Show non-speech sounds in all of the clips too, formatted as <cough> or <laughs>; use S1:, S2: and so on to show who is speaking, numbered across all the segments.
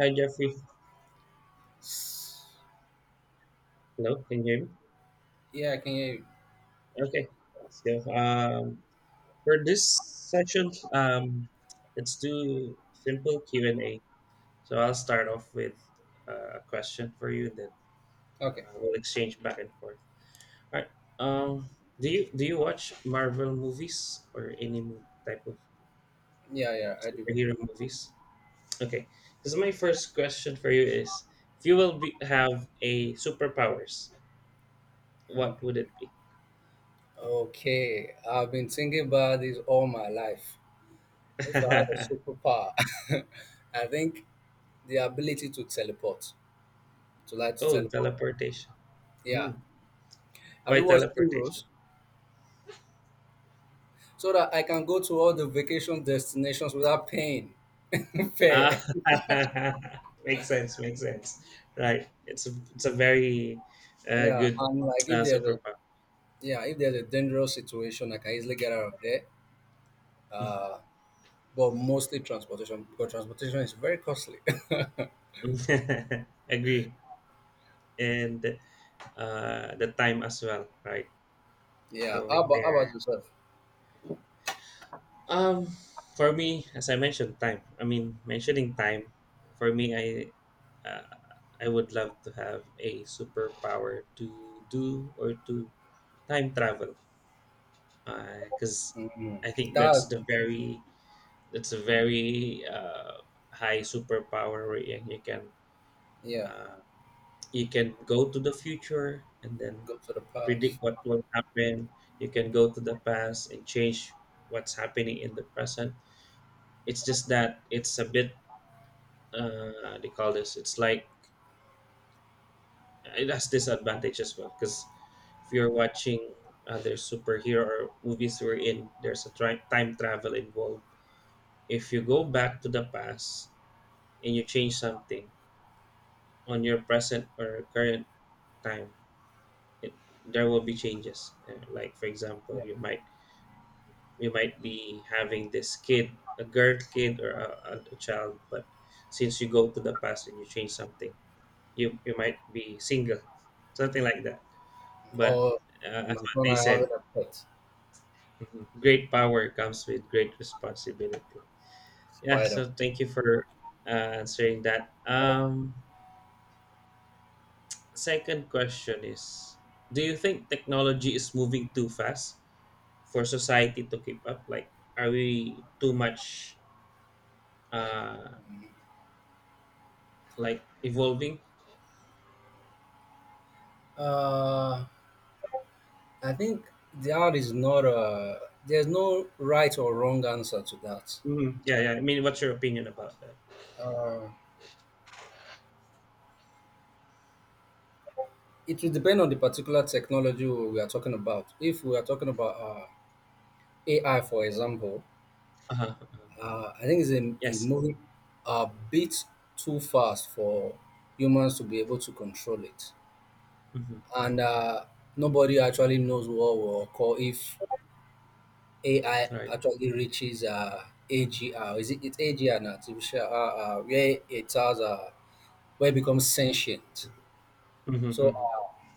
S1: Hi, Jeffrey. Hello, can you hear me?
S2: Yeah, I can hear you.
S1: Okay, let's go. For this session, let's do simple Q&A. So I'll start off with a question for you, and then
S2: Okay.
S1: we'll exchange back and forth. All right. Um, do you watch Marvel movies or any type of
S2: Yeah, yeah, I do.
S1: superhero movies? Okay. This is my first question for you is, if you will be, have a superpowers, what would it be?
S2: Okay. I've been thinking about this all my life. If I had a
S1: <laughs>
S2: superpower, <laughs> I think the ability to teleport, to like to
S1: Oh,
S2: teleport.
S1: teleportation.
S2: Yeah.
S1: Mm,
S2: Have
S1: by
S2: you watched
S1: teleportation.
S2: Heroes? So that I can go to all the vacation destinations without paying <laughs>
S1: Ah,
S2: fair.
S1: <laughs> makes sense. Makes sense. Right. It's a very
S2: Yeah,
S1: good
S2: and like, if there's a,
S1: superpower.
S2: yeah, if there's a dangerous situation, I can easily get out of there.
S1: Mhm.
S2: Uh, but mostly transportation because transportation is very costly. <laughs>
S1: <laughs> Agree. And the time as well. Right.
S2: Yeah. How
S1: Going
S2: about how about
S1: there.
S2: yourself?
S1: Um, for me, as I mentioned, time. I mean, mentioning time. For me, uh, I would love to have a superpower to do or to time travel. Because
S2: Mm.
S1: I think
S2: That's.
S1: that's a very high superpower wherein you can,
S2: Yeah.
S1: uh, you can go to the future and then
S2: Go to the past.
S1: predict what will happen. You can go to the past and change what's happening in the present. It's just that it's a bit, they call this. It's like it has disadvantage as well, because if you're watching other superhero movies we're in there's a time travel involved. If you go back to the past and you change something on your present or current time, it, there will be changes. Like for example,
S2: Yeah.
S1: you might be having this kid, a girl kid or a child, but since you go to the past and you change something, you might be single, something like that. But
S2: Or in
S1: as
S2: my
S1: what
S2: phone,
S1: they
S2: I have
S1: said,
S2: a pet
S1: great power comes with great responsibility. Yeah,
S2: spider.
S1: so thank you for answering that. Second question is, do you think technology is moving too fast for society to keep up? Like, are we too much, uh, like evolving?
S2: Uh, I think that is not a. There's no right or wrong answer to that.
S1: Mhm. Yeah, yeah. I mean, what's your opinion about that?
S2: Uh, it will depend on the particular technology we are talking about. If we are talking about AI, for example,
S1: Uh-huh, uh-huh.
S2: I think it's
S1: Yes.
S2: moving a bit too fast for humans to be able to control it.
S1: Mm-hmm.
S2: And nobody actually knows what will occur if AI
S1: Right.
S2: actually reaches AGR. Is it it's AGR now? Artificial, where it has where it becomes sentient.
S1: Mm-hmm.
S2: So
S1: Mm-hmm.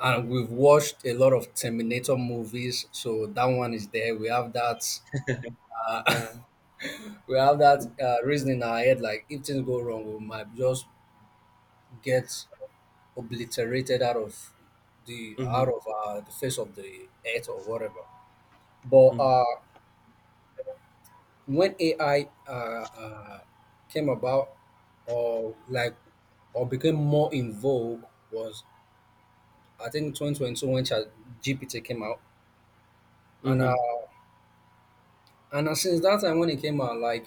S2: and we've watched a lot of Terminator movies, so that one is there. We have that
S1: Uh,
S2: we have that reason in our head, like if things go wrong, we might just get obliterated out of
S1: mm-hmm.
S2: the face of the earth or whatever. But
S1: Mm-hmm.
S2: when AI came about, or like, or became more in vogue, was I think 2022 when Chat GPT came out, and
S1: Mm-hmm.
S2: uh, and since that time when it came out, like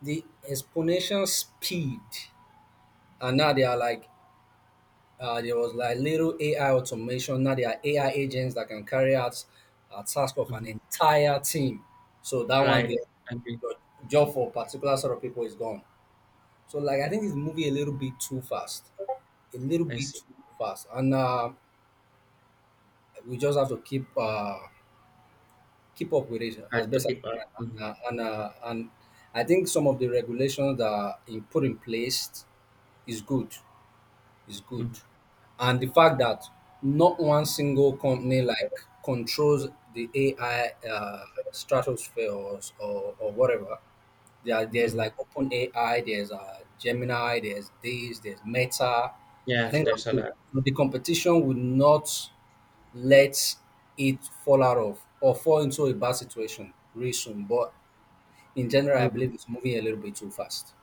S2: the exponential speed, and now they are like, there was like little AI automation. Now there are AI agents that can carry out a task of an
S1: Mm-hmm.
S2: entire team. So that one
S1: Right.
S2: there,
S1: Agree.
S2: your job for particular sort of people is gone. So like I think this movie a little bit too fast, a little
S1: I
S2: bit
S1: see.
S2: too fast, and we just have to keep keep up with it
S1: Hard
S2: as
S1: to
S2: best as
S1: keep
S2: we can.
S1: up.
S2: And
S1: Mm-hmm.
S2: uh, and, uh, and I think some of the regulations that are put in place is good. is good.
S1: Mm-hmm.
S2: And the fact that not one single company like controls the AI stratosphere or whatever. There's
S1: Mm-hmm.
S2: like OpenAI, there's Gemini, there's this, there's Meta. I
S1: Yeah,
S2: think that's
S1: there's a
S2: good.
S1: lot.
S2: So the competition would not let it fall out of or fall into a bad situation really soon. But in general, I
S1: Mm-hmm.
S2: believe it's moving a little bit too fast.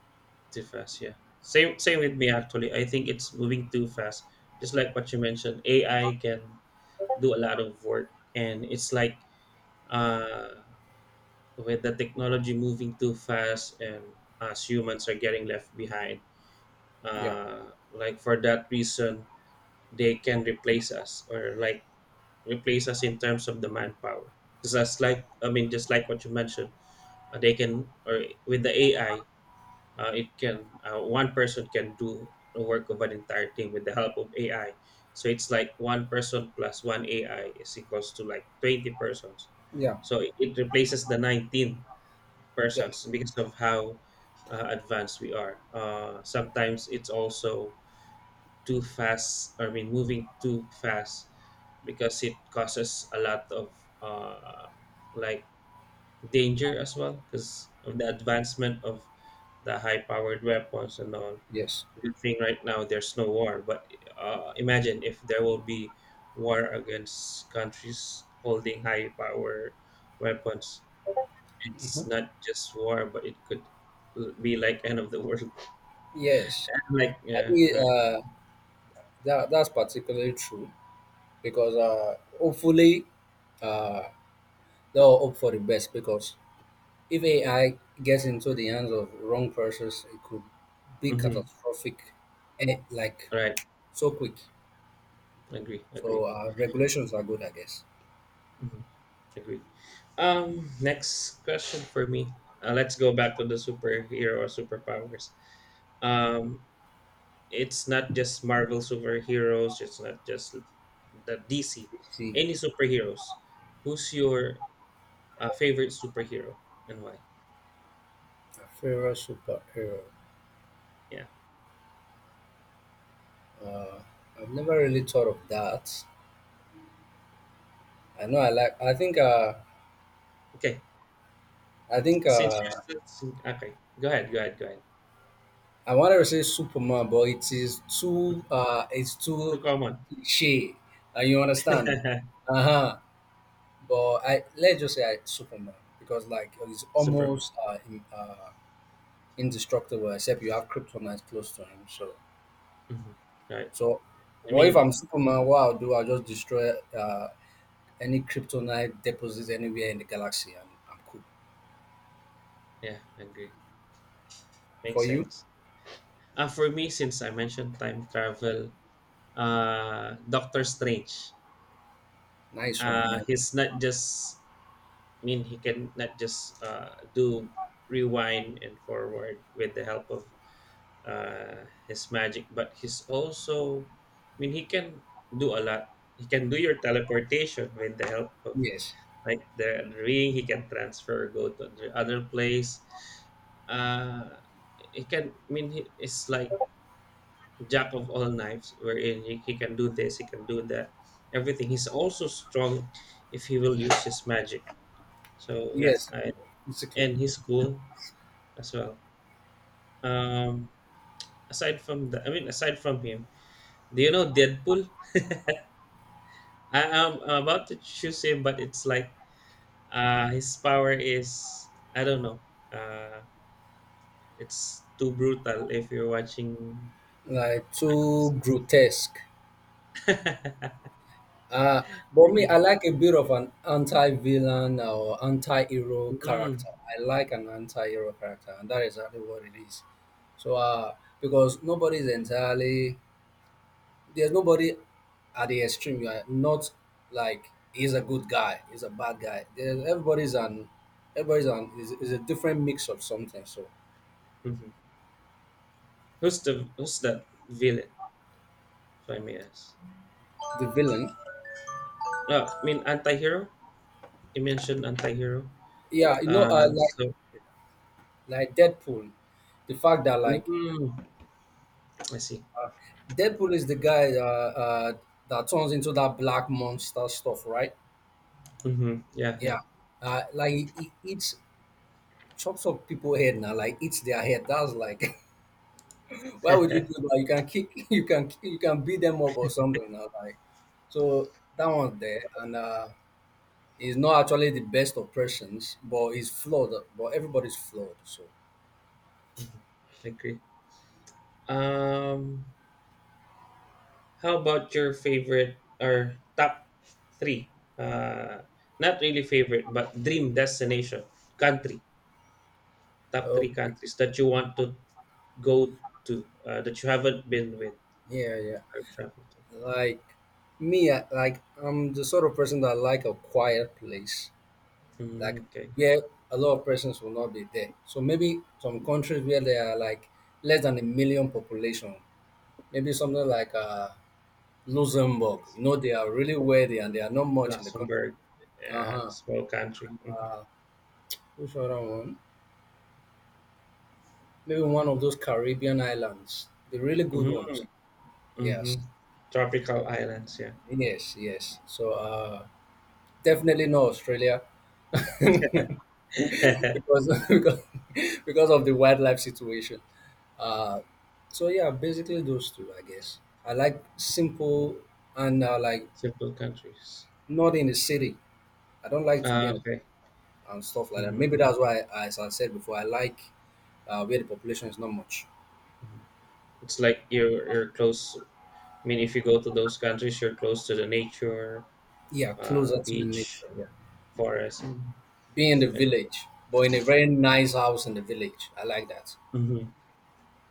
S1: Too fast, yeah. Same with me actually. I think it's moving too fast. Just like what you mentioned, AI can do a lot of work, and it's like, uh, with the technology moving too fast, and us humans are getting left behind.
S2: Yeah,
S1: Like for that reason, they can replace us, or like replace us in terms of the manpower. Because that's like, I mean, just like what you mentioned, they can or with the AI. It can One person can do the work of an entire team with the help of AI. So it's like one person plus one AI is equals to like 20 persons.
S2: yeah,
S1: So it replaces the 19
S2: yeah,
S1: persons because of how advanced we are. Sometimes it's also too fast. I mean, moving too fast because it causes a lot of, like danger as well because of the advancement of the high powered weapons and all.
S2: yes,
S1: Good thing right now there's no war, but imagine if there will be war against countries holding high power weapons. It's not just war, but it could be like end of the world.
S2: yes.
S1: <laughs> Like,
S2: I
S1: yeah,
S2: think
S1: right.
S2: that's particularly true because hopefully uh, they'll hope for the best because if AI gets into the hands of wrong persons, it could be
S1: Mm-hmm.
S2: catastrophic, eh, like
S1: Right.
S2: so quick.
S1: Agree, agree.
S2: So regulations are good, I guess.
S1: Mm-hmm. Agree. Next question for me. Let's go back to the superhero superpowers. Um it's not just Marvel superheroes, it's not just the DC,
S2: See,
S1: any superheroes. Who's your favorite superhero and why?
S2: a favorite superhero.
S1: Yeah.
S2: Uh, I've never really thought of that. I know I like. I think.
S1: Okay.
S2: I think.
S1: Since you're still okay, go ahead, go ahead, go ahead.
S2: I wanted to say Superman, but it is too uh it's
S1: It's too
S2: too
S1: common.
S2: cliche. And you understand?
S1: <laughs>
S2: Uh-huh. But I Let's just say I Superman, because like he's
S1: Superman.
S2: almost indestructible except you have kryptonite close to him. So
S1: Mhm. Right.
S2: so
S1: I
S2: what if I'm
S1: mean,
S2: Superman, what I'll do, I'll just destroy any kryptonite deposits anywhere in the galaxy and I'm cool.
S1: yeah, I agree. Makes
S2: For you?
S1: sense. For me, since I mentioned time travel, Doctor Strange.
S2: Nice one,
S1: Uh,
S2: nice.
S1: he's not just, I mean, he can not just, do rewind and forward with the help of his magic, but he's also, I mean, he can do a lot. He can do your teleportation with the help of
S2: Yes.
S1: like the ring. He can transfer, go to the other place. Uh, he can. I mean, he, it's like jack of all knives, wherein he can do this, he can do that, everything. He's also strong if he will use his magic. So yeah,
S2: Yes,
S1: I
S2: basically.
S1: and his crew as well. Um, Aside from the, I mean, aside from him, do you know Deadpool? I am about to choose him, but it's like, his power is I don't know. Uh, it's too brutal if you're watching.
S2: Like
S1: <laughs>
S2: too grotesque.
S1: Mm.
S2: Uh, but me, I like a bit of an anti-villain or anti-hero
S1: Mhm.
S2: character. I like an anti-hero character, and that is exactly what it is. So, because nobody is entirely there's nobody at the extreme. You are not, like he's a good guy, he's a bad guy. There's, everybody's an is, a different mix of something. So
S1: Who's that villain? If I may ask.
S2: the villain,
S1: I mean, anti-hero. You mentioned anti-hero.
S2: yeah, you know,
S1: Uh,
S2: like
S1: so
S2: like Deadpool, the fact that like
S1: mm, I see.
S2: Deadpool is the guy that turns into that black monster stuff, right?
S1: Mm-hmm. Yeah, yeah.
S2: Yeah. Like he eats, chops up people head, now like eats their head. That's like, <laughs> why would you do that? You can kick, <laughs> you can beat them up or something, now like. So that one's there and he's not actually the best of persons, but he's flawed, but everybody's flawed, so
S1: hmm I agree. Um, how about your favorite or top three? Uh, not really favorite, but dream destination country. Top three
S2: okay.
S1: countries that you want to go to, that you haven't been with
S2: Yeah, yeah.
S1: or traveled to.
S2: Like me, like I'm the sort of person that like a quiet place.
S1: Mm,
S2: Like
S1: okay.
S2: where a lot of persons will not be there. So maybe some countries where there are like less than a million population, maybe something like Luxembourg. You know, they are really wealthy and they are not much in the country.
S1: Luxembourg. Yeah,
S2: Uh-huh.
S1: small country. Mm-hmm.
S2: Uh, which other one? Maybe one of those Caribbean islands, the really good ones.
S1: Mm, hmm.
S2: Yes,
S1: Tropical islands. Yeah. <laughs>
S2: yes, yes. So definitely not Australia, because <laughs> because of the wildlife situation. Uh, so yeah, basically those two, I guess. I like simple and like
S1: Simple countries.
S2: not in the city. I don't like to be
S1: Ah,
S2: in the
S1: okay.
S2: and stuff like that. Maybe
S1: Mm-hmm.
S2: that's why, as I said before, I like where the population is not much.
S1: Mm-hmm. It's like you're close. I mean, if you go to those countries, you're close to the nature,
S2: Yeah, closer to the
S1: beach,
S2: nature. Yeah,
S1: forest. Mm.
S2: be in the village, but in a very nice house in the village. I like that.
S1: hmm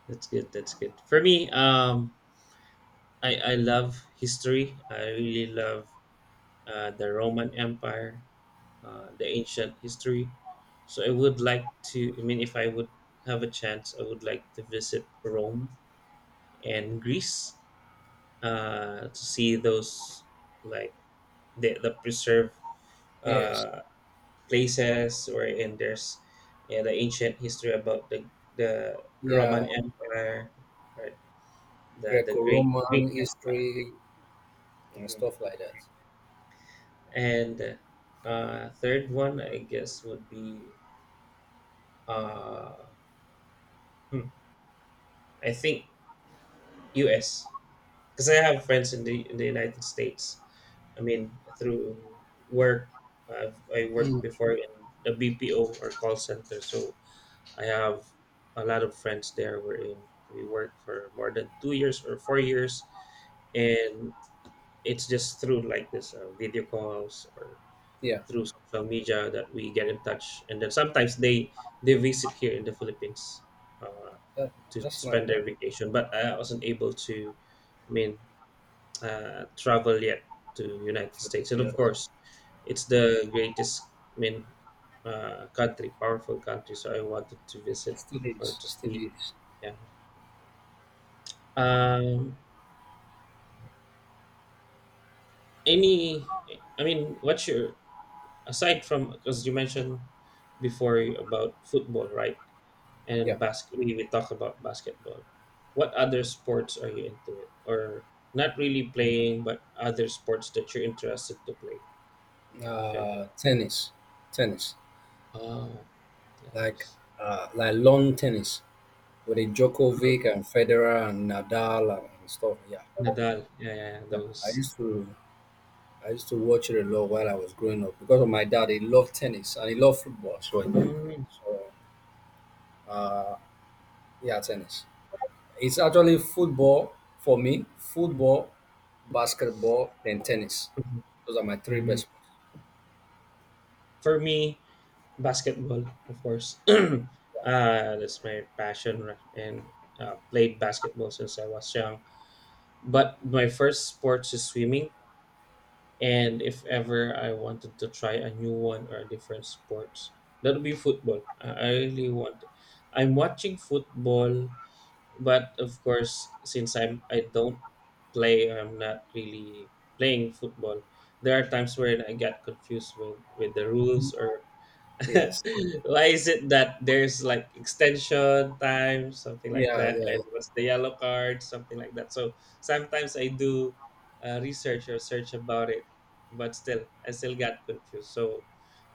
S1: That's good. That's good. For me, I love history. I really love the Roman Empire, the ancient history. So I would like to, I mean, if I would have a chance, I would like to visit Rome and Greece, to see those, like, the preserved
S2: Yes.
S1: uh, places wherein there's, yeah, the ancient history about the
S2: Yeah,
S1: Roman Empire, right? The great
S2: Greco-Roman
S1: Greek Empire.
S2: history and
S1: Mhm.
S2: stuff like that.
S1: And third one, I guess, would be, uh, hmm, I think U.S., because I have friends in the United States. I mean, through work, I worked
S2: Mm.
S1: before in the BPO or call center, so I have a lot of friends there. We're in. We work for more than 2 years or 4 years, and it's just through like this video calls or
S2: Yeah.
S1: through social media that we get in touch. And then sometimes they visit here in the Philippines, uh,
S2: That,
S1: to
S2: that's like
S1: spend
S2: that.
S1: their vacation. But I wasn't able to, I mean, travel yet to United States. And
S2: Yeah.
S1: of course, it's the greatest, I mean, country, powerful country. So I wanted to visit
S2: Still
S1: or
S2: is.
S1: to
S2: Still
S1: see,
S2: is.
S1: yeah. Um, any, I mean, what's your, aside from, because you mentioned before about football, right? And
S2: Yeah.
S1: we talk about basketball. What other sports are you into it? Or not really playing, but other sports that you're interested to play, if ever.
S2: Tennis. Tennis.
S1: Oh,
S2: Like
S1: thanks.
S2: like lawn tennis, with a
S1: Mm,
S2: Djokovic and Federer and Nadal and stuff. Yeah.
S1: Nadal. Yeah, yeah, yeah,
S2: Yeah. I
S1: those.
S2: used to I used to watch it a lot while I was growing up because of my dad. He loved tennis and he loved football. So,
S1: Mm,
S2: so uh, yeah, tennis. It's actually football for me.
S1: mhm,
S2: Football, basketball, and tennis. Those are my three
S1: mhm.
S2: best sports.
S1: For me, basketball, of course. <clears throat> That's my passion, right? And played basketball since I was young. But my first sports is swimming, and if ever I wanted to try a new one or a different sports, that would be football. I really want. I'm watching football, but of course, since I don't play, I'm not really playing football. There are times where I get confused with the rules, or
S2: Yes.
S1: <laughs> why is it that there's like extension time, something like
S2: Yeah,
S1: that,
S2: yeah.
S1: and what's the yellow card, something like that? So sometimes I do research or search about it, but still, I still got confused. So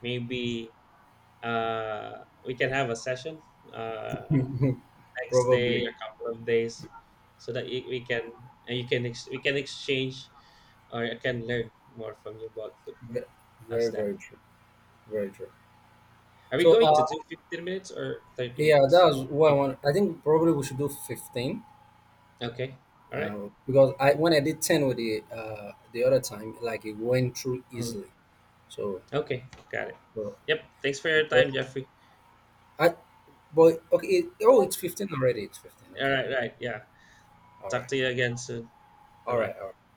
S1: maybe, we can have a session, uh,
S2: <laughs>
S1: next day,
S2: Probably.
S1: a couple of days, so that we can, and we can exchange or I can learn more from you about football.
S2: Ve-
S1: How's
S2: Very,
S1: that?
S2: very true. Very true.
S1: Are we
S2: So,
S1: going to do 15 minutes or 30
S2: yeah, that
S1: minutes?
S2: was what I want. I think probably we should do 15,
S1: Okay. All right.
S2: because I when I did 10 with the other time, like it went through
S1: Mhm.
S2: easily. So,
S1: Okay. Got it.
S2: but,
S1: Yep. Thanks for your
S2: but
S1: time, Jeffrey.
S2: I but okay. Oh, it's 15 already. It's 15.
S1: All
S2: Okay.
S1: right. Right. Yeah.
S2: All
S1: Talk
S2: right.
S1: to you again soon. Bye
S2: All
S1: bye.
S2: right. All right.